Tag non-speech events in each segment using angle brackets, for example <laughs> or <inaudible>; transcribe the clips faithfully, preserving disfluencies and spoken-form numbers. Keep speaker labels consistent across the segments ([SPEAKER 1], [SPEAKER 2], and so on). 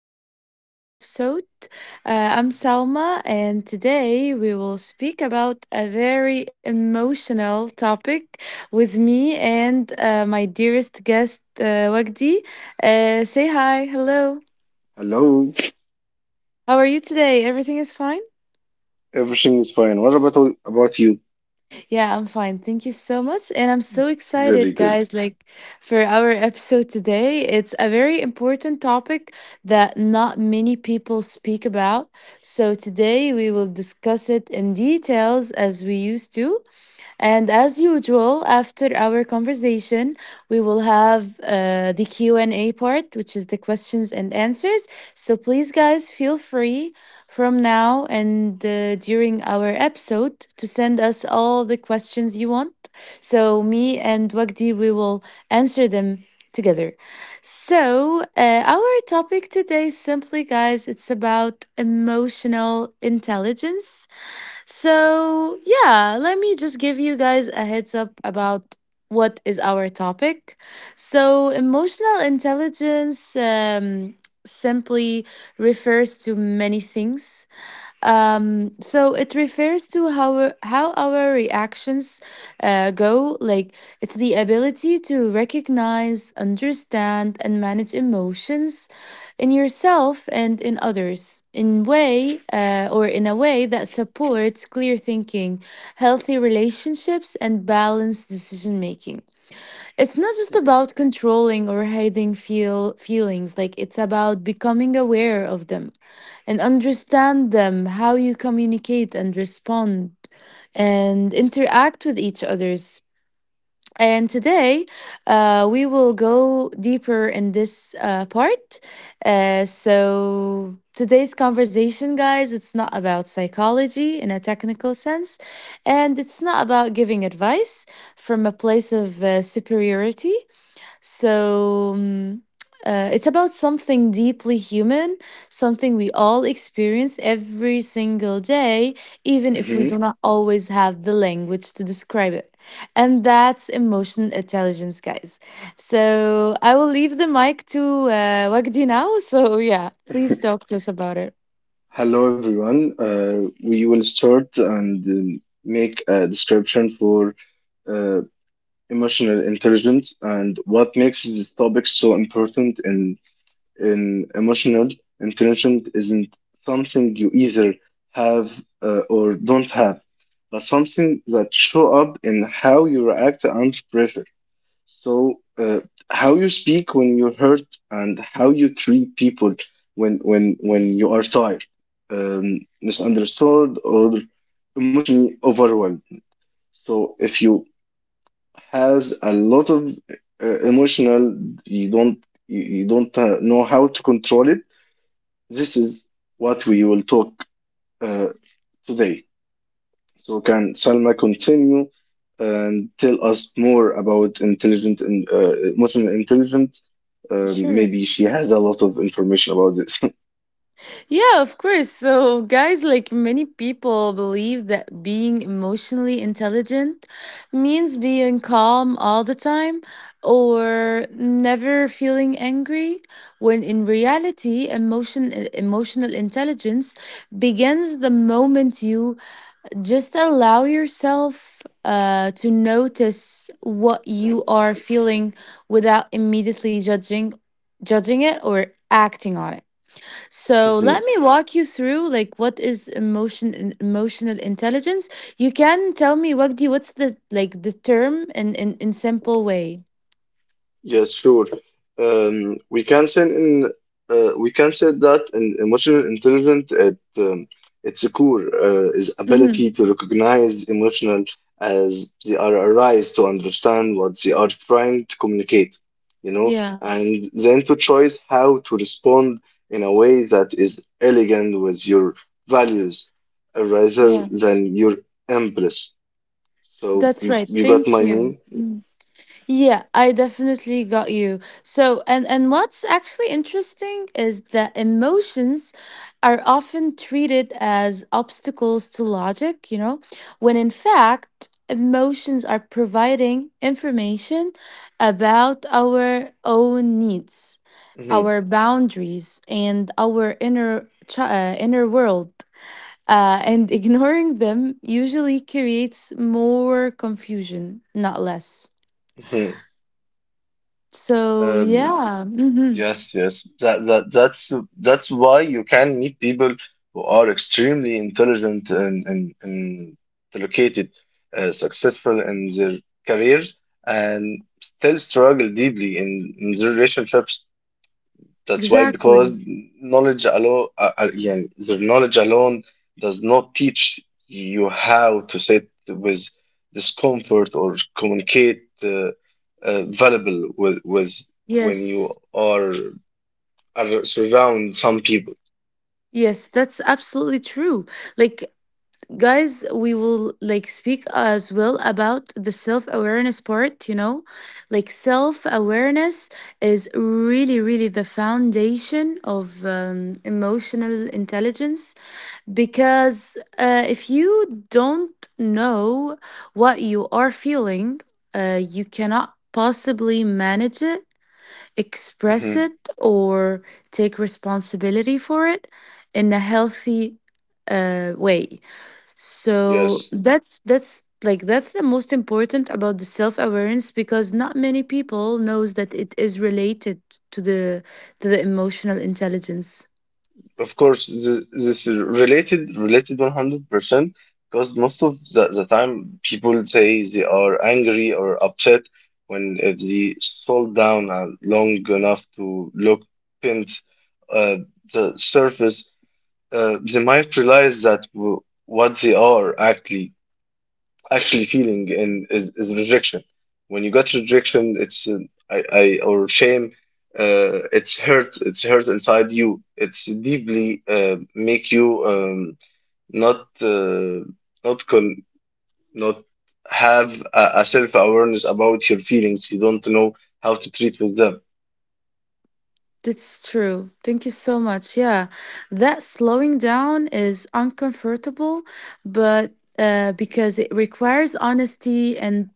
[SPEAKER 1] podcast episode. Uh, I'm Salma, and today we will speak about a very emotional topic with me and uh, my dearest guest, uh, Wagdi. Uh, say hi. Hello.
[SPEAKER 2] Hello,
[SPEAKER 1] How are you today? Everything is fine?
[SPEAKER 2] everything is fine. What about about you?
[SPEAKER 1] Yeah, I'm fine. Thank you so much. And I'm so
[SPEAKER 2] Very
[SPEAKER 1] excited,
[SPEAKER 2] good.
[SPEAKER 1] guys, like for our episode today. It's a very important topic that not many people speak about. So today we will discuss it in details as we used to. And as usual, after our conversation, we will have uh, the Q and A part, which is the questions and answers. So please, guys, feel free from now and uh, during our episode to send us all the questions you want. So me and Wagdi, we will answer them together. So uh, our topic today, simply, guys, it's about emotional intelligence. So, yeah, let me just give you guys a heads up about what is our topic. So, emotional intelligence um, simply refers to many things. Um, so it refers to how our- how our reactions uh, go. Like it's the ability to recognize, understand, and manage emotions in yourself and in others in way uh, or in a way that supports clear thinking, healthy relationships, and balanced decision making. It's not just about controlling or hiding feel feelings. Like it's about becoming aware of them and understand them, how you communicate and respond and interact with each others. And today, uh, we will go deeper in this uh, part. Uh, so, today's conversation, guys, it's not about psychology in a technical sense, and it's not about giving advice from a place of uh, superiority. So um, uh, it's about something deeply human, something we all experience every single day, even if we do
[SPEAKER 2] Mhm.
[SPEAKER 1] not always have the language to describe it. And that's emotional intelligence, guys. So I will leave the mic to uh, Wagdi now. <laughs> So yeah, please talk
[SPEAKER 2] <laughs>
[SPEAKER 1] to us about it.
[SPEAKER 2] Hello, everyone. Uh, we will start and um, make a description for uh, emotional intelligence and what makes this topic so important. In in emotional intelligence isn't something you either have uh, or don't have, but something that show up in how you react under pressure. So, uh, how you speak when you're hurt and how you treat people when when when you are tired, um, misunderstood or emotionally overwhelmed. So, if you has a lot of uh, emotional, you don't you, you don't uh, know how to control it. This is what we will talk uh, today. So can Salma continue and tell us more about intelligent and uh, emotional intelligence? Um,
[SPEAKER 1] Sure.
[SPEAKER 2] maybe she has a lot of information about this.
[SPEAKER 1] Yeah, of course. So, guys, like many people believe that being emotionally intelligent means being calm all the time or never feeling angry, when in reality, emotion e, emotional intelligence begins the moment you just allow yourself uh, to notice what you are feeling without immediately judging judging it or acting on it. So let
[SPEAKER 2] <laughs>
[SPEAKER 1] me walk you through like what is emotion in- emotional intelligence. You can tell me Wagdi what's the like the term in in, in simple way.
[SPEAKER 2] Yes, sure. Um, we can say in uh, we can say that in emotional intelligence, at um, its core uh, is
[SPEAKER 1] Hmm.
[SPEAKER 2] ability to recognize emotional as they are arise to understand what they are trying to communicate, you know,
[SPEAKER 1] Yeah,
[SPEAKER 2] and then to choose how to respond in a way that is elegant with your values uh, rather
[SPEAKER 1] yeah,
[SPEAKER 2] than your impulse. So
[SPEAKER 1] that's
[SPEAKER 2] you,
[SPEAKER 1] right.
[SPEAKER 2] you got
[SPEAKER 1] Thank
[SPEAKER 2] my
[SPEAKER 1] you.
[SPEAKER 2] meaning?
[SPEAKER 1] Mm. Yeah, I definitely got you. So, and and what's actually interesting is that emotions are often treated as obstacles to logic, you know, when in fact, emotions are providing information about our own needs,
[SPEAKER 2] hmm
[SPEAKER 1] our boundaries, and our inner chi- uh, inner world. Uh, and <laughs> ignoring them usually creates more confusion, not less.
[SPEAKER 2] hmm
[SPEAKER 1] So
[SPEAKER 2] Um,
[SPEAKER 1] yeah. Hmm.
[SPEAKER 2] Yes, yes. That that that's that's why you can meet people who are extremely intelligent and and, and located, uh, successful in their careers, and still struggle deeply in, in their relationships. That's why, because
[SPEAKER 1] Exactly.
[SPEAKER 2] knowledge alone, uh, uh, yeah, their knowledge alone does not teach you how to sit with discomfort or communicate uh, uh, valuable with with when you
[SPEAKER 1] Yes,
[SPEAKER 2] are are surround some people.
[SPEAKER 1] yes, that's absolutely true. Like, guys, we will like speak as well about the self awareness part, you know, like self awareness is really, really the foundation of um, emotional intelligence because uh, if you don't know what you are feeling, uh, you cannot possibly manage it express
[SPEAKER 2] hmm
[SPEAKER 1] it or take responsibility for it in a healthy uh, way, so
[SPEAKER 2] Yes,
[SPEAKER 1] that's that's like that's the most important about the self-awareness because not many people knows that it is related to the to the emotional intelligence.
[SPEAKER 2] of course, th- this is related related one hundred percent because most of the, the time people say they are angry or upset when if they scroll down uh, long enough to look pins uh, the surface, uh, they might realize that w- what they are actually actually feeling in is, is rejection. When you got rejection, it's uh, I, I or shame. Uh, it's hurt. It's hurt inside you. It's deeply uh, make you um, not uh, not con not have a, a self awareness about your feelings. You don't know how to treat with them.
[SPEAKER 1] That's true. Thank you so much. Yeah, that slowing down is uncomfortable, but uh, because it requires honesty and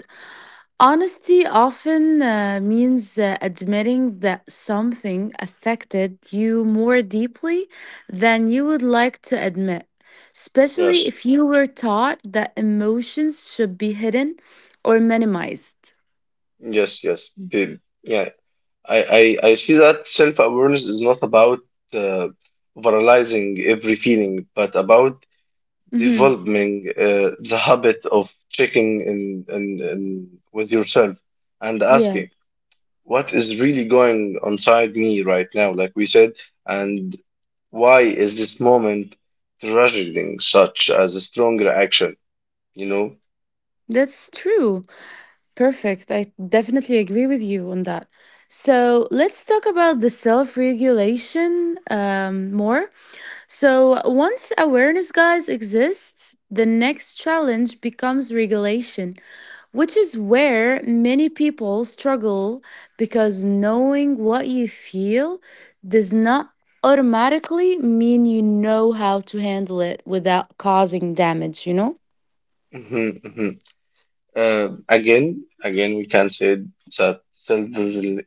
[SPEAKER 1] Honesty often uh, means uh, admitting that something affected you more deeply than you would like to admit, especially
[SPEAKER 2] Yes,
[SPEAKER 1] if you were taught that emotions should be hidden or minimized.
[SPEAKER 2] yes, yes. Be- Yeah, I I, I see that self awareness is not about uh, overanalyzing every feeling, but about
[SPEAKER 1] Hmm.
[SPEAKER 2] developing uh, the habit of checking in, in, in with yourself and
[SPEAKER 1] Yeah,
[SPEAKER 2] asking what is really going on inside me right now, like we said, and why is this moment triggering such as a stronger action, you know?
[SPEAKER 1] that's true. Perfect. I definitely agree with you on that. So let's talk about the self regulation um, more. So, once awareness, guys, exists, the next challenge becomes regulation, which is where many people struggle because knowing what you feel does not automatically mean you know how to handle it without causing damage, you know?
[SPEAKER 2] Mhm, mhm. Uh, again, again, we can say that self-regulation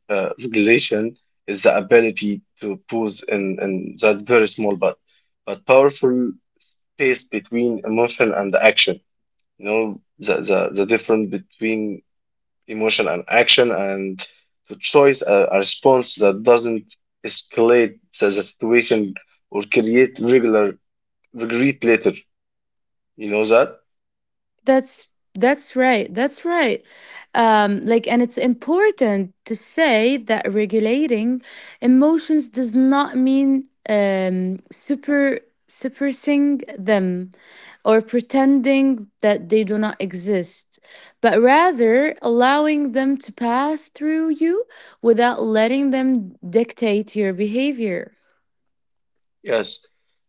[SPEAKER 2] is the ability to pause in, in that very small but but powerful space between emotion and action. You know, the, the, the difference between emotion and action and to choose a, a response that doesn't escalate the, the situation or create regular regret later. You know that?
[SPEAKER 1] That's that's right. That's right. Um, like, and it's important to say that regulating emotions does not mean um, super suppressing them or pretending that they do not exist, but rather allowing them to pass through you without letting them dictate your behavior.
[SPEAKER 2] Yes.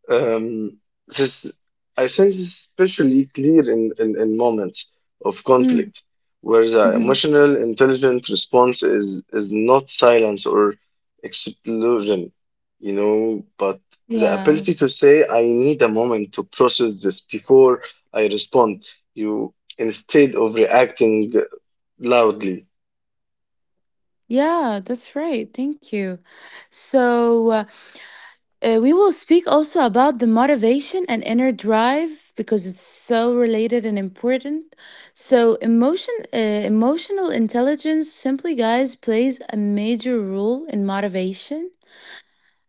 [SPEAKER 2] Um, this, I think this is especially clear in, in, in moments of
[SPEAKER 1] Mm,
[SPEAKER 2] conflict where the
[SPEAKER 1] mhm.
[SPEAKER 2] emotional intelligent response is, is not silence or explosion, you know, but the
[SPEAKER 1] Yeah.
[SPEAKER 2] ability to say, I need a moment to process this before I respond, you instead of reacting loudly.
[SPEAKER 1] Yeah, that's right. Thank you. So. uh, Uh, we will speak also about the motivation and inner drive because it's so related and important. So, emotion, uh, emotional intelligence, simply guys, plays a major role in motivation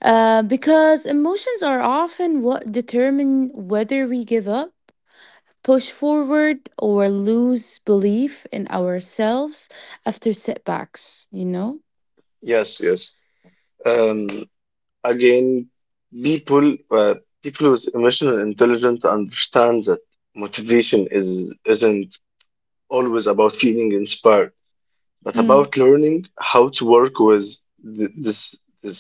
[SPEAKER 1] uh, because emotions are often what determine whether we give up, push forward, or lose belief in ourselves after setbacks. You know.
[SPEAKER 2] Yes, yes. Um, Again, people uh, People with emotional intelligence understand that motivation is isn't always about feeling inspired, but
[SPEAKER 1] Mm,
[SPEAKER 2] about learning how to work with th- this this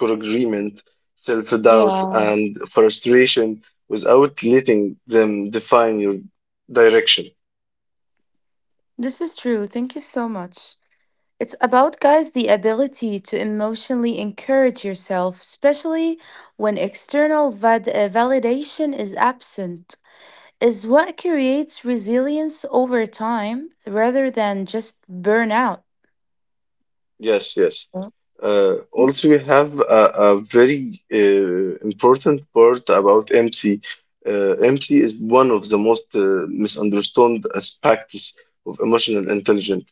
[SPEAKER 2] disagreement, self doubt,
[SPEAKER 1] yeah,
[SPEAKER 2] and frustration without letting them define your direction.
[SPEAKER 1] this is true. Thank you so much. It's about, guys, the ability to emotionally encourage yourself, especially when external vad- uh, validation is absent, is what creates resilience over time rather than just burnout.
[SPEAKER 2] Yes, yes. Uh, also, we have a, a very uh, important part about M C. Uh, M C is one of the most uh, misunderstood aspects of emotional intelligence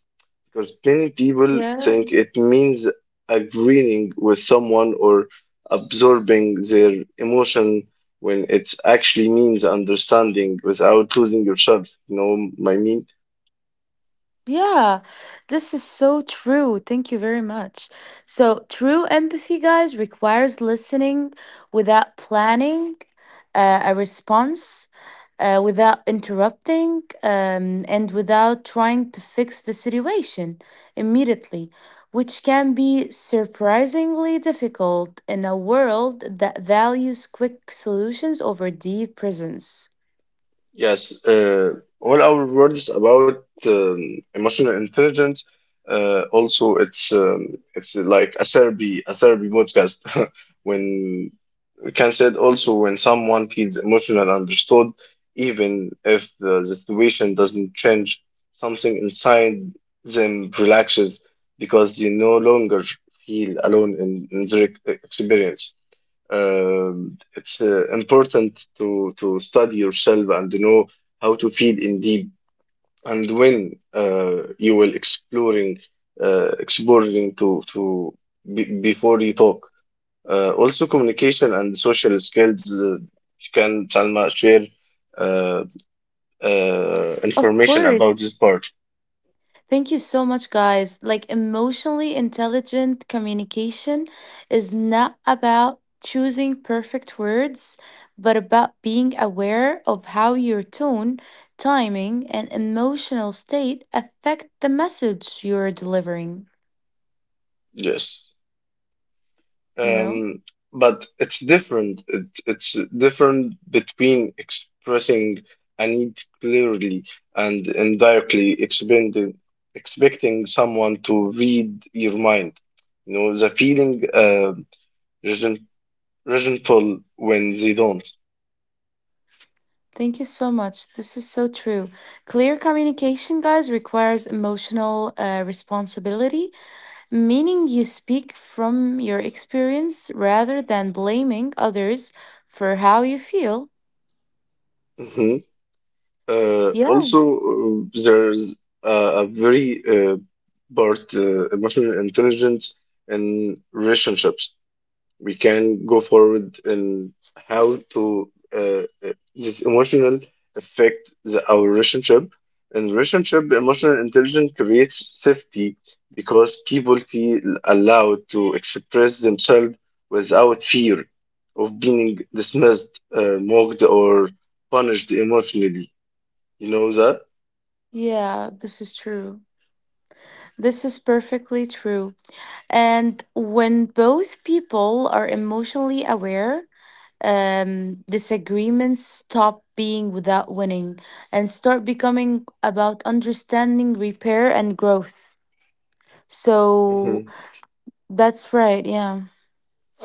[SPEAKER 2] because many people
[SPEAKER 1] Yeah.
[SPEAKER 2] think it means agreeing with someone or absorbing their emotion when it actually means understanding without losing yourself. You know, my mean.
[SPEAKER 1] Yeah, this is so true. Thank you very much. So, true empathy, guys, requires listening without planning uh, a response, uh, without interrupting, um, and without trying to fix the situation immediately, which can be surprisingly difficult in a world that values quick solutions over deep presence.
[SPEAKER 2] Yes, uh, all our words about um, emotional intelligence. Uh, also, it's um, it's like a therapy, a therapy podcast. <laughs> When we can say it also when someone feels emotional understood, even if the, situation doesn't change, something inside them relaxes because you no longer feel alone in, in their experience. Um, it's uh, important to to study yourself and know how to feed in deep and when uh, you will exploring uh, exploring to to be, before you talk. Uh, also, communication and social skills. Uh, can Salma share uh, uh,
[SPEAKER 1] Of
[SPEAKER 2] information about this
[SPEAKER 1] course.
[SPEAKER 2] part?
[SPEAKER 1] Thank you so much, guys. Like, emotionally intelligent communication is not about choosing perfect words, but about being aware of how your tone, timing, and emotional state affect the message you're delivering,
[SPEAKER 2] Yes.
[SPEAKER 1] you know?
[SPEAKER 2] Um, but it's different. It, it's different between expressing a need clearly and indirectly expending, expecting someone to read your mind. You know, the feeling uh, resent, resentful when they don't.
[SPEAKER 1] Thank you so much. This is so true. Clear communication, guys, requires emotional uh, responsibility meaning you speak from your experience rather than blaming others for how you feel.
[SPEAKER 2] hmm Uh,
[SPEAKER 1] Yeah,
[SPEAKER 2] also, uh, there's a, a very uh, part uh, emotional intelligence in relationships we can go forward in how to uh, uh, this emotional affect the, our relationship. In relationship, emotional intelligence creates safety because people feel allowed to express themselves without fear of being dismissed, uh, mocked, or punished emotionally. You know that?
[SPEAKER 1] yeah, this is true. This is perfectly true. And when both people are emotionally aware, um, disagreements stop being without winning and start becoming about understanding, repair, and growth.
[SPEAKER 2] hmm
[SPEAKER 1] So that's right. Yeah.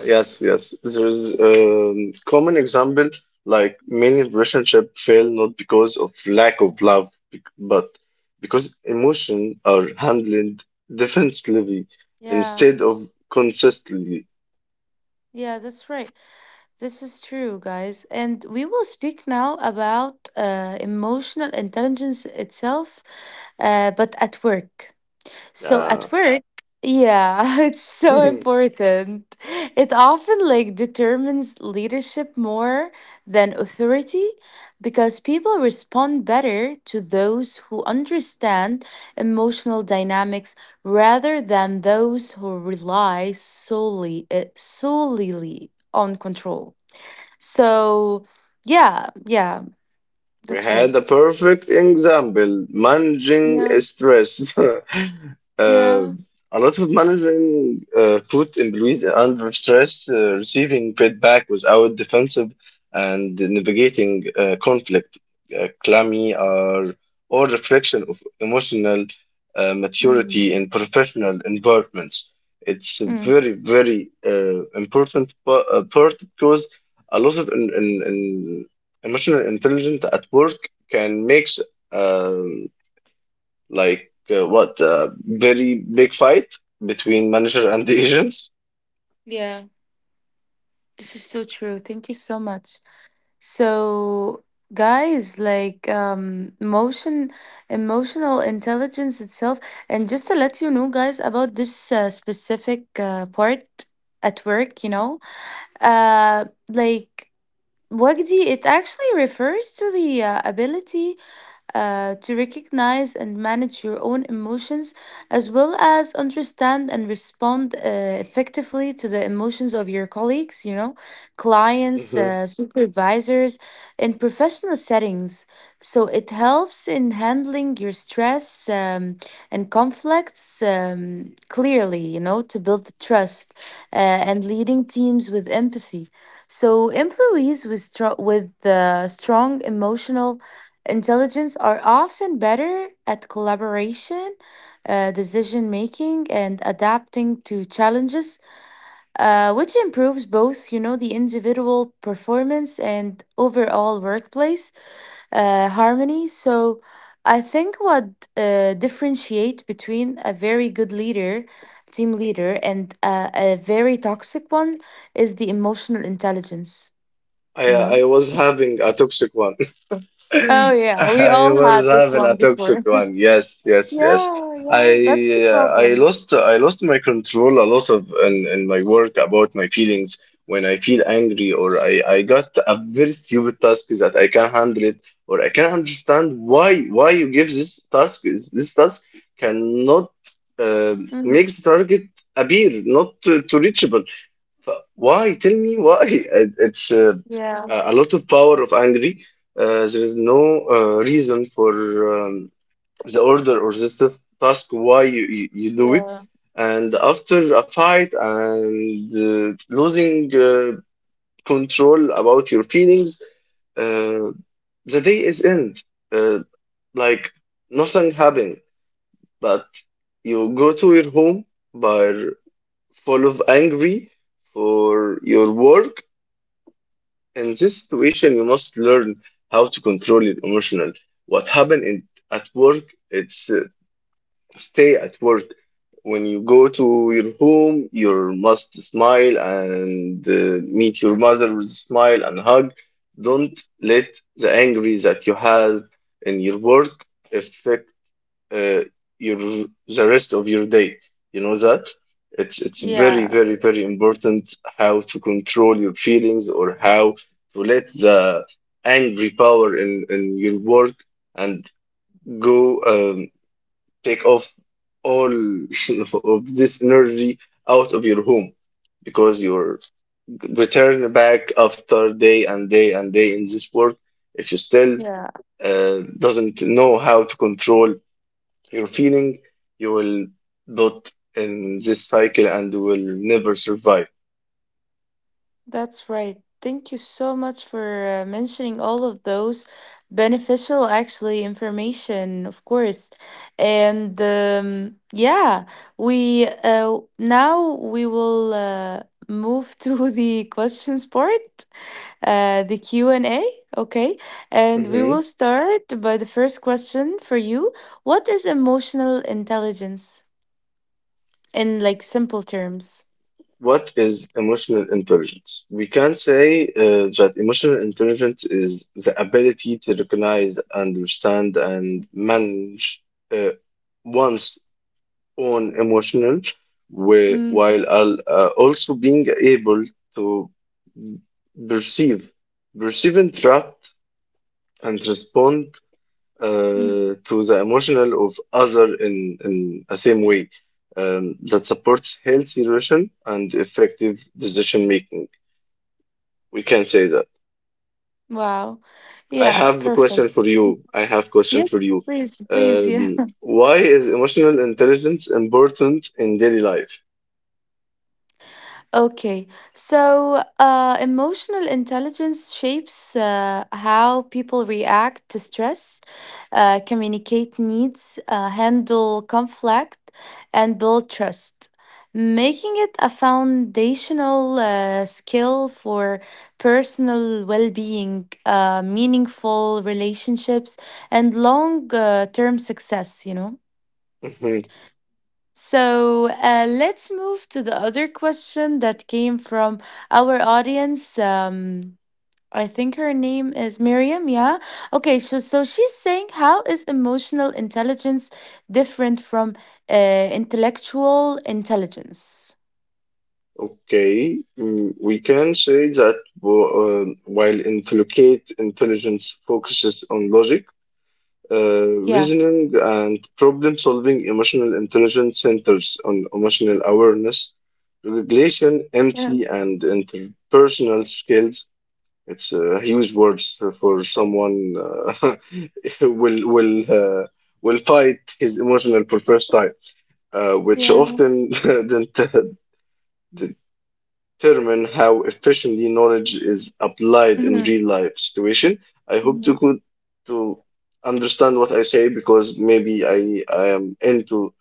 [SPEAKER 2] Yes, yes. There's a common example like many relationship fail not because of lack of love, bec- but because emotion are handled defensively
[SPEAKER 1] Yeah.
[SPEAKER 2] instead of consistently.
[SPEAKER 1] Yeah, that's right. This is true, guys. And we will speak now about uh, emotional intelligence itself, uh, but at work. So
[SPEAKER 2] Yeah.
[SPEAKER 1] at work, yeah, <laughs> it's so
[SPEAKER 2] <laughs>
[SPEAKER 1] important. It often like determines leadership more than authority because people respond better to those who understand emotional dynamics rather than those who rely solely uh, solely on control. So yeah, yeah,
[SPEAKER 2] We
[SPEAKER 1] that's right.
[SPEAKER 2] had a perfect example managing
[SPEAKER 1] Yeah,
[SPEAKER 2] stress. <laughs> Uh,
[SPEAKER 1] yeah.
[SPEAKER 2] a lot of managing uh, put employees under stress, uh, receiving feedback without defensive and navigating uh, conflict. Uh, clammy are all reflection of emotional uh,
[SPEAKER 1] Mm,
[SPEAKER 2] maturity in professional environments. It's a
[SPEAKER 1] mm,
[SPEAKER 2] very, very uh, important pa- uh, part because a lot of in, in, emotional intelligence at work can makes um, like uh, what uh, very big fight between manager and the <laughs> agents.
[SPEAKER 1] yeah, this is so true. Thank you so much. So guys, like um emotion emotional intelligence itself and just to let you know guys about this uh, specific uh, part at work, you know. Uh like Wagdi, it actually refers to the uh, ability uh, to recognize and manage your own emotions, as well as understand and respond uh, effectively to the emotions of your colleagues, you know, clients,
[SPEAKER 2] Mhm.
[SPEAKER 1] uh, supervisors, in professional settings. So it helps in handling your stress um, and conflicts um, clearly, you know, to build trust uh, and leading teams with empathy. So employees with stro- with uh, strong emotional intelligence are often better at collaboration, uh, decision making, and adapting to challenges, uh, which improves both, you know, the individual performance and overall workplace uh, harmony. So I think what uh, differentiate between a very good leader, team leader, and uh, a very toxic one is the emotional intelligence, you
[SPEAKER 2] I
[SPEAKER 1] know?
[SPEAKER 2] I was having a toxic one. <laughs>
[SPEAKER 1] Oh, yeah, we
[SPEAKER 2] I
[SPEAKER 1] all
[SPEAKER 2] was
[SPEAKER 1] had this
[SPEAKER 2] having
[SPEAKER 1] one
[SPEAKER 2] a
[SPEAKER 1] before.
[SPEAKER 2] toxic one. Yes, yes, yes.
[SPEAKER 1] Yeah, yeah, that's the
[SPEAKER 2] I uh, I
[SPEAKER 1] problem.
[SPEAKER 2] lost I lost my control a lot of in, in my work about my feelings when I feel angry or I, I got a very stupid task that I can't handle it or I can't understand why why you give this task this task cannot uh,
[SPEAKER 1] Mm,
[SPEAKER 2] makes the target appear not to, to reachable but why? Tell me why. It- It's uh,
[SPEAKER 1] yeah,
[SPEAKER 2] a a lot of power of angry. Uh, there is no uh, reason for um, the order or the tas- task why you, you, you do it.
[SPEAKER 1] yeah,
[SPEAKER 2] And after a fight and uh, losing uh, control about your feelings, uh, the day is end. Uh, like nothing happened, but you go to your home by full of angry for your work. In this situation, you must learn how to control your emotional. What happened in, at work, it's uh, stay at work. When you go to your home, you must smile and uh, meet your mother with a smile and hug. Don't let the angry that you have in your work affect uh, your the rest of your day. You know that it's it's very
[SPEAKER 1] yeah,
[SPEAKER 2] very very important how to control your feelings or how to let the angry power in in your work and go um, take off all <laughs> of this energy out of your home because you're return back after day and day and day in this work if you still
[SPEAKER 1] yeah,
[SPEAKER 2] uh, doesn't know how to control your feeling, you will build in this cycle and will never survive.
[SPEAKER 1] that's right. Thank you so much for uh, mentioning all of those beneficial, actually, information, of course. And um, yeah, we uh, now we will uh, move to <laughs> the questions part. uh, the Q and A, okay? And we will
[SPEAKER 2] Mhm.
[SPEAKER 1] start by the first question for you. What is emotional intelligence in like simple terms?
[SPEAKER 2] What is emotional intelligence? We can say uh, that emotional intelligence is the ability to recognize, understand, and manage uh, one's own emotional whi-
[SPEAKER 1] Mm,
[SPEAKER 2] while al- uh, also being able to perceive, perceive and trapped and respond
[SPEAKER 1] mm,
[SPEAKER 2] uh, to the emotional of other in in a same way um, that supports healthy relation and effective decision making. We can say that.
[SPEAKER 1] wow.
[SPEAKER 2] I
[SPEAKER 1] Yeah,
[SPEAKER 2] have a
[SPEAKER 1] perfect.
[SPEAKER 2] question for you. I have question for
[SPEAKER 1] Yes,
[SPEAKER 2] you.
[SPEAKER 1] please, please. Yeah.
[SPEAKER 2] Um, why is emotional intelligence important in daily life?
[SPEAKER 1] Okay, so uh, emotional intelligence shapes uh, how people react to stress, uh, communicate needs, uh, handle conflict, and build trust, making it a foundational uh, skill for personal well being, uh, meaningful relationships, and long uh, term success, you know?
[SPEAKER 2] Mhm.
[SPEAKER 1] So uh, let's move to the other question that came from our audience. Um, I think her name is Miriam. Yeah. Okay. So, so she's saying, how is emotional intelligence different from uh, intellectual intelligence?
[SPEAKER 2] Okay, mm, we can say that w- um, while intelligent intelligence focuses on logic, uh,
[SPEAKER 1] Yeah.
[SPEAKER 2] reasoning and problem solving emotional intelligence centers on emotional awareness, regulation,
[SPEAKER 1] Yeah.
[SPEAKER 2] empathy, and interpersonal skills. It's uh, huge words for someone uh, <laughs> will will uh, will fight his emotional for first time, uh, which
[SPEAKER 1] Yeah.
[SPEAKER 2] often <laughs> didn't uh, determine how efficiently knowledge is applied in
[SPEAKER 1] Hmm.
[SPEAKER 2] real life situation. I hope to
[SPEAKER 1] Hmm.
[SPEAKER 2] could to understand what I say because maybe I I am into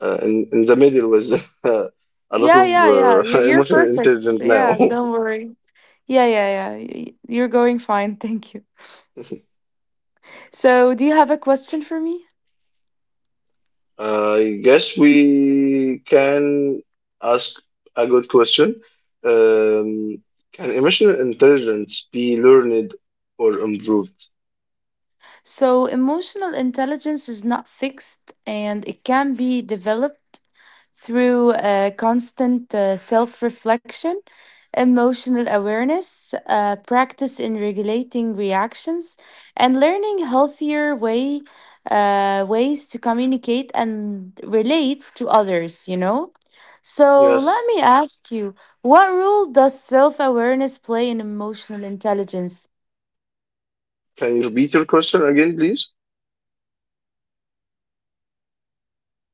[SPEAKER 2] uh, in in the middle with <laughs> uh, a lot
[SPEAKER 1] Yeah.
[SPEAKER 2] of
[SPEAKER 1] Yeah. Yeah. You,
[SPEAKER 2] uh, <laughs>
[SPEAKER 1] you're.
[SPEAKER 2] emotional intelligence now.
[SPEAKER 1] Yeah. Yeah. Yeah. Yeah. y- You're going fine. <laughs> Thank you.
[SPEAKER 2] <laughs>
[SPEAKER 1] So, do you have a question for me?
[SPEAKER 2] I guess we can ask a good question. Um, can emotional intelligence be learned or improved?
[SPEAKER 1] So, emotional intelligence is not fixed and it can be developed through uh, constant uh, self reflection, emotional awareness, uh, practice in regulating reactions, and learning healthier way, uh, ways to communicate and relate to others, you know? So, let
[SPEAKER 2] Yes.
[SPEAKER 1] me ask you what role does self awareness play in emotional intelligence?
[SPEAKER 2] Can you repeat your question again, please?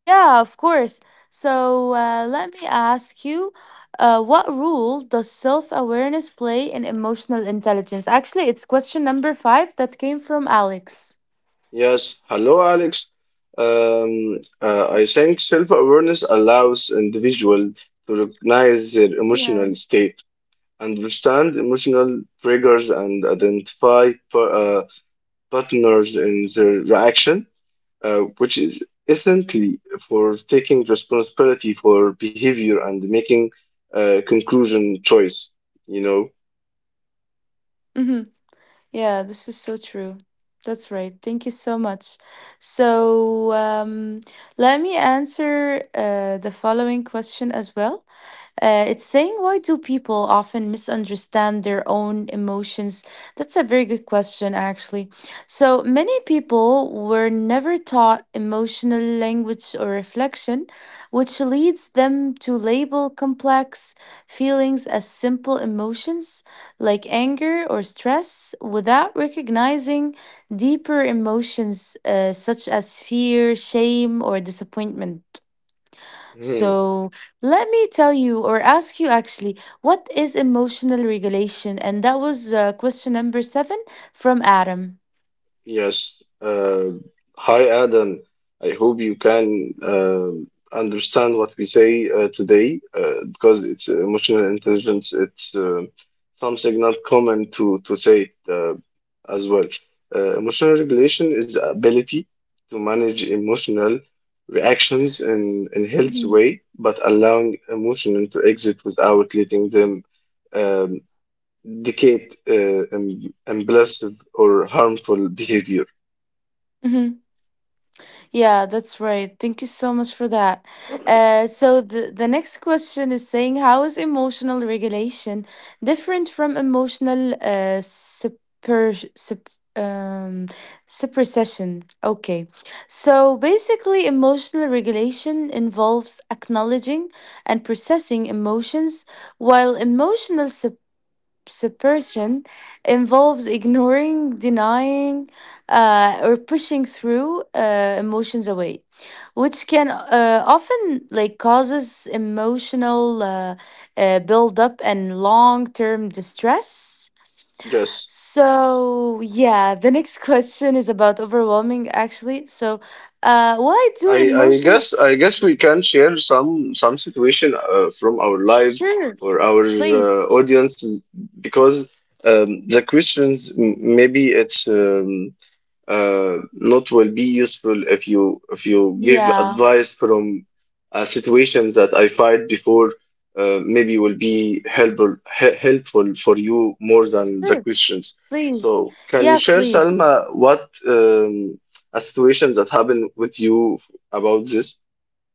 [SPEAKER 1] Yeah, of course. So uh, let me ask you, uh, what role does self-awareness play in emotional intelligence? Actually, it's question number five that came from Alex.
[SPEAKER 2] Yes, hello Alex. Um, uh, I think self-awareness allows individual to recognize their
[SPEAKER 1] Yeah.
[SPEAKER 2] emotional state, understand emotional triggers, and identify pa- uh, partners in their reaction, uh, which is essentially for taking responsibility for behavior and making a conclusion choice, you know.
[SPEAKER 1] Mm-hmm. Yeah, this is so true. That's right. Thank you so much. So um, let me answer uh, the following question as well. Uh, it's saying, why do people often misunderstand their own emotions? That's a very good question, actually. So, many people were never taught emotional language or reflection, which leads them to label complex feelings as simple emotions like anger or stress without recognizing deeper emotions uh, such as fear, shame, or disappointment.
[SPEAKER 2] Mm-hmm.
[SPEAKER 1] So let me tell you, or ask you actually, what is emotional regulation? And that was uh, question number seven from Adam.
[SPEAKER 2] Yes. Uh, hi, Adam. I hope you can um understand what we say uh, today uh, because it's emotional intelligence. It's uh, something not common to to say it, uh, as well. Uh, emotional regulation is the ability to manage emotional reactions in in healthy
[SPEAKER 1] Mhm.
[SPEAKER 2] way, but allowing emotion to exit without letting them um, dictate uh, um, impulsive or harmful behavior.
[SPEAKER 1] Mhm. Yeah, that's right. Thank you so much for that. Uh, so, the, the next question is saying, how is emotional regulation different from emotional uh, super, sup um, suppression? Okay. So basically, emotional regulation involves acknowledging and processing emotions, while emotional suppression involves ignoring, denying, uh, or pushing through uh, emotions away, which can uh, often like causes emotional uh, uh, buildup and long-term distress.
[SPEAKER 2] Yes,
[SPEAKER 1] So yeah, <laughs> the next question is about overwhelming actually. So, uh, why do
[SPEAKER 2] I I guess
[SPEAKER 1] emotions?
[SPEAKER 2] I guess we can share some some situation uh, from our life
[SPEAKER 1] Sure,
[SPEAKER 2] for our uh,
[SPEAKER 1] please.
[SPEAKER 2] audience because um, the questions m- maybe it's um, uh, not will be useful if you if you give
[SPEAKER 1] Yeah,
[SPEAKER 2] advice from uh, situations that I fight before. Uh, maybe will be helpful he- helpful for you more than the
[SPEAKER 1] sure,
[SPEAKER 2] questions.
[SPEAKER 1] please.
[SPEAKER 2] So, can you
[SPEAKER 1] Yeah,
[SPEAKER 2] share,
[SPEAKER 1] please.
[SPEAKER 2] Salma, what um, a situation that happened with you about this?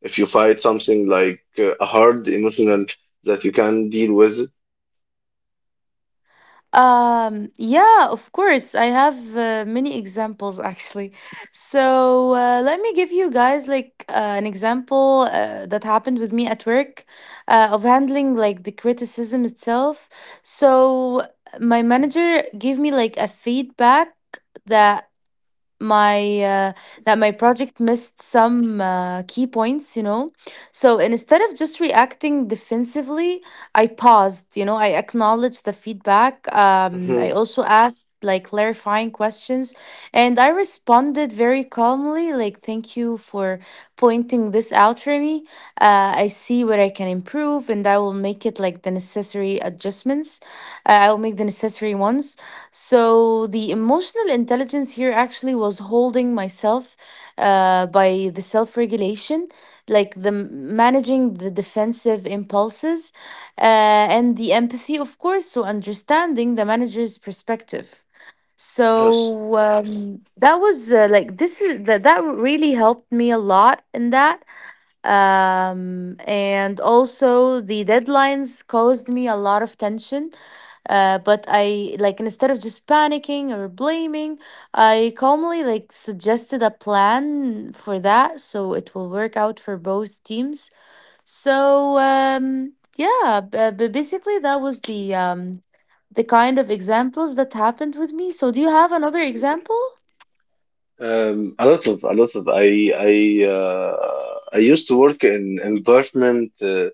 [SPEAKER 2] If you fight something like uh, a hard emotional that you can deal with.
[SPEAKER 1] Um, yeah, of course. I have uh, many examples actually. So uh, let me give you guys like uh, an example uh, that happened with me at work uh, of handling like the criticism itself. So my manager gave me like a feedback that my uh, that my project missed some uh, key points, you know, so instead of just reacting defensively, I paused, you know, I acknowledged the feedback, um, I
[SPEAKER 2] Mhm.
[SPEAKER 1] also asked like clarifying questions, and I responded very calmly like, thank you for pointing this out for me, uh, I see where I can improve and I will make it like the necessary adjustments, uh, I will make the necessary ones. So the emotional intelligence here actually was holding myself uh, by the self regulation, like the m- managing the defensive impulses, uh, and the empathy, of course, so understanding the manager's perspective.
[SPEAKER 2] Yes.
[SPEAKER 1] So um, that was uh, like this is that that really helped me a lot in that. Um, and also the deadlines caused me a lot of tension, uh, but I, like, instead of just panicking or blaming, I calmly like suggested a plan for that so it will work out for both teams. So um, yeah, but basically that was the um, the kind of examples that happened with me. So do you have another example?
[SPEAKER 2] Um, a lot of a lot of I I uh, I used to work in environment uh,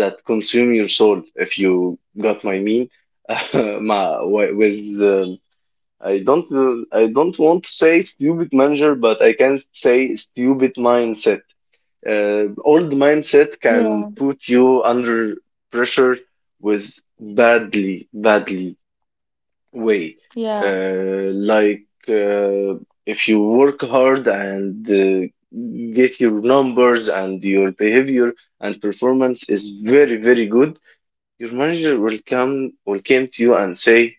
[SPEAKER 2] that consume your soul if you got my mean <laughs> Uh, ma wi- with um, I don't uh, I don't want to say stupid manager, but I can say stupid mindset, uh, old mindset can
[SPEAKER 1] Yeah,
[SPEAKER 2] put you under pressure with badly badly way.
[SPEAKER 1] yeah,
[SPEAKER 2] Uh, like, uh, if you work hard and uh, get your numbers and your behavior and performance is very very good, your manager will come will come to you and say,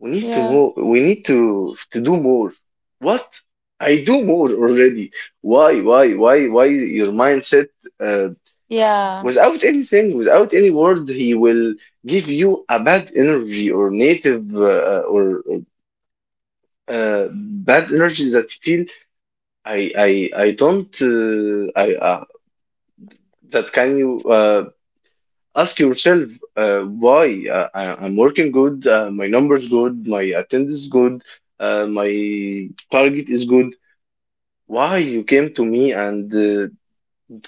[SPEAKER 2] "We need to
[SPEAKER 1] yeah,
[SPEAKER 2] more. We need to to do more." What? I do more already. Why? Why? Why? Why? Your mindset. Uh,
[SPEAKER 1] yeah,
[SPEAKER 2] Without anything, without any word, he will give you a bad energy or native uh, or uh, bad energy that feel I I I don't uh, I uh, that can you uh, ask yourself uh, why uh, I, I'm working good, uh, my numbers good, my attendance good, uh, my target is good. Why you came to me and uh,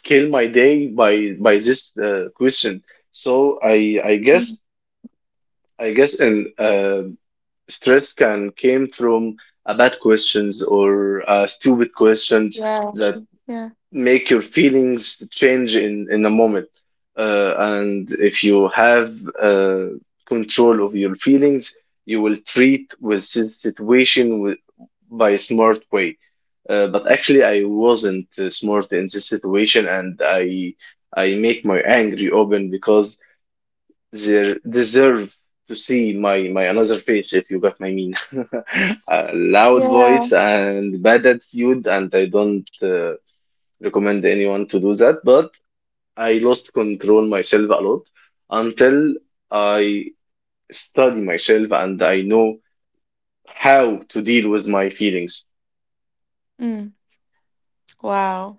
[SPEAKER 2] kill my day by by this uh, question? So I I
[SPEAKER 1] mm,
[SPEAKER 2] guess I guess and uh, stress can came from a bad questions or uh, stupid questions
[SPEAKER 1] yeah,
[SPEAKER 2] that.
[SPEAKER 1] yeah,
[SPEAKER 2] Make your feelings change in in a moment, uh, and if you have uh, control of your feelings you will treat with this situation with, by a smart way, uh, but actually I wasn't uh, smart in this situation, and i i make my angry open because they deserve to see my my another face if you got my mean <laughs> a loud
[SPEAKER 1] yeah.
[SPEAKER 2] voice and bad attitude, and I don't uh, recommend anyone to do that, but I lost control myself a lot until I study myself and I know how to deal with my feelings.
[SPEAKER 1] Mm, wow.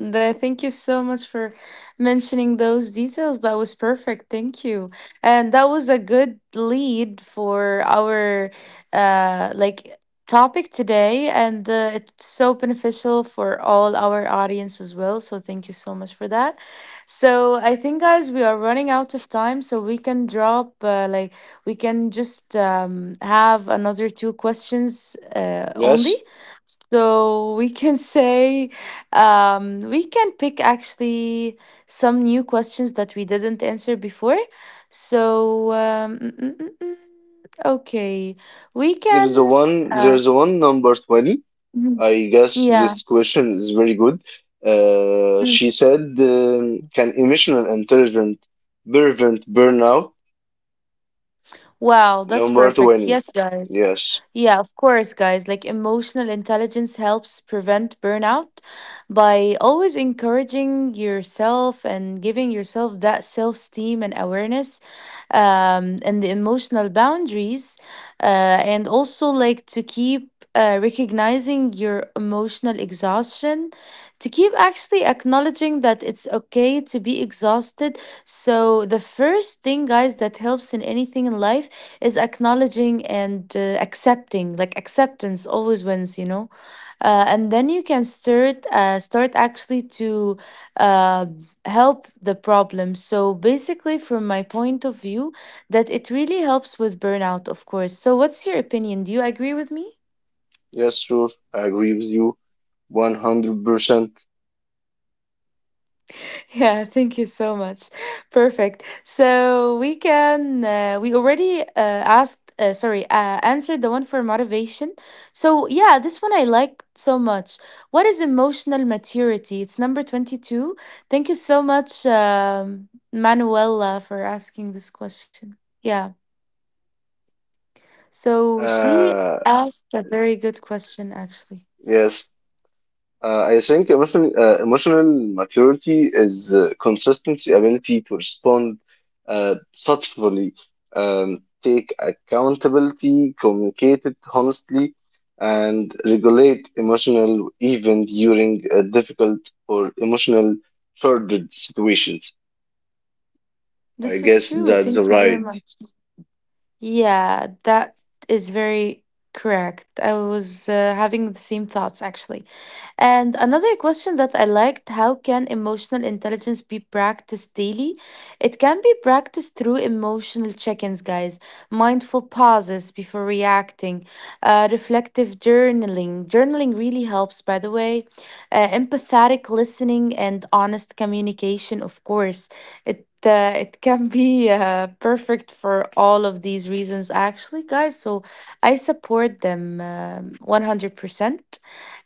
[SPEAKER 1] Th- Thank you so much for mentioning those details. That was perfect. Thank you. And that was a good lead for our uh like topic today, and uh, it's so beneficial for all our audience as well. So thank you so much for that. So I think, guys, we are running out of time, so we can drop uh, like, we can just um have another two questions uh, only.
[SPEAKER 2] Yes,
[SPEAKER 1] So we can <laughs> say, um, we can pick actually some new questions that we didn't answer before. So, um, mm, mm, mm, mm, okay, we
[SPEAKER 2] there's a
[SPEAKER 1] can.
[SPEAKER 2] one,
[SPEAKER 1] Uh,
[SPEAKER 2] there's a one number twenty.
[SPEAKER 1] mhm.
[SPEAKER 2] I guess
[SPEAKER 1] Yeah.
[SPEAKER 2] this question is very good. Uh,
[SPEAKER 1] Mm.
[SPEAKER 2] she said, um, can emotional intelligence prevent burnout?
[SPEAKER 1] Wow, that's
[SPEAKER 2] Number
[SPEAKER 1] perfect.
[SPEAKER 2] twenty.
[SPEAKER 1] Yes, guys.
[SPEAKER 2] Yes,
[SPEAKER 1] Yeah, of course, guys. Like emotional intelligence helps prevent burnout by always encouraging yourself and giving yourself that self esteem and awareness, um, and the emotional boundaries. Uh, and also, like, to keep uh, recognizing your emotional exhaustion, to keep actually acknowledging that it's okay to be exhausted. So, the first thing, guys, that helps in anything in life is acknowledging and uh, accepting. Like, acceptance always wins, you know? Uh, and then you can start, uh, start actually to uh, help the problem. So, basically, from my point of view, that it really helps with burnout, of course. So, what's your opinion? Do you agree with me?
[SPEAKER 2] yes, sure. I agree with you one hundred percent.
[SPEAKER 1] Yeah, thank you so much. Perfect. So we can uh, we already uh, asked uh, sorry uh, answered the one for motivation. So yeah, this one I like so much. What is emotional maturity? It's number twenty-two. Thank you so much, um, Manuela, for asking this question. Yeah. So she
[SPEAKER 2] Uh,
[SPEAKER 1] asked a very good question actually.
[SPEAKER 2] yes, Uh, I think emotional uh, emotional maturity is uh, consistency, ability to respond uh, thoughtfully, um, take accountability, communicate it honestly, and regulate emotional even during uh, difficult or emotional charged situations. I
[SPEAKER 1] This is
[SPEAKER 2] guess
[SPEAKER 1] true.
[SPEAKER 2] that's
[SPEAKER 1] Thank you very
[SPEAKER 2] right.
[SPEAKER 1] much. Yeah, that is very correct. I was uh, having the same thoughts actually. And another question that I liked, how can emotional intelligence be practiced daily? It can be practiced through emotional check ins, guys, mindful pauses before reacting, uh, reflective journaling. Journaling really helps, by the way, uh, empathetic listening, and honest communication, of course. It uh, it can be uh, perfect for all of these reasons, actually, guys. So I support them um one hundred percent.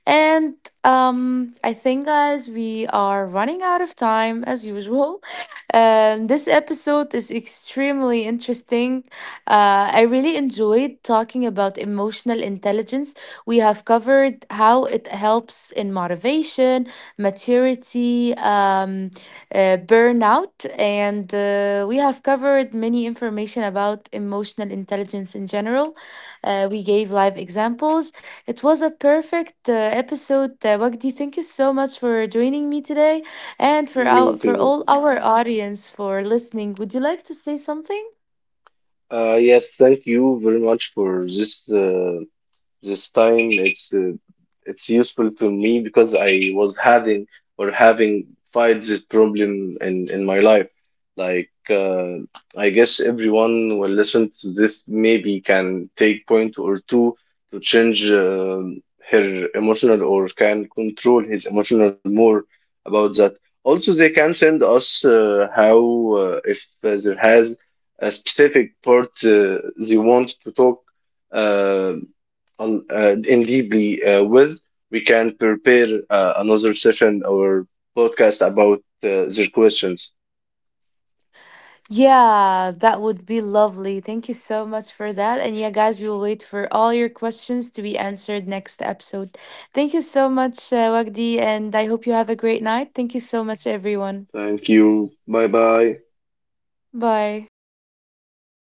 [SPEAKER 1] And um, I think, guys, we are running out of time as usual. <laughs> Um, this episode is extremely interesting. Uh, I really enjoyed talking about emotional intelligence. We have covered how it helps in motivation, maturity, um, uh, burnout, and uh, we have covered many information about emotional intelligence in general. Uh, we gave live examples. It was a perfect uh, episode, uh, Wagdi. Thank you so much for joining me today, and for our
[SPEAKER 2] Me
[SPEAKER 1] for
[SPEAKER 2] too.
[SPEAKER 1] all our audience for listening. Would you like to say something?
[SPEAKER 2] Uh, yes, thank you very much for this. Uh, This time it's uh, it's useful to me because I was having or having fight this problem in in my life. Like, uh, I guess everyone will listen to this maybe can take point or two to change uh, her emotional or can control his emotional more about that. Also, they can send us uh, how uh, if there has a specific part uh, they want to talk uh, on uh, in deeply uh, with. We can prepare uh, another session or podcast about uh, their questions.
[SPEAKER 1] Yeah, that would be lovely. Thank you so much for that. And yeah, guys, we will wait for all your questions to be answered next episode. Thank you so much, uh, Wagdi, and I hope you have a great night. Thank you so much, everyone.
[SPEAKER 2] Thank you. Bye bye.
[SPEAKER 1] Bye.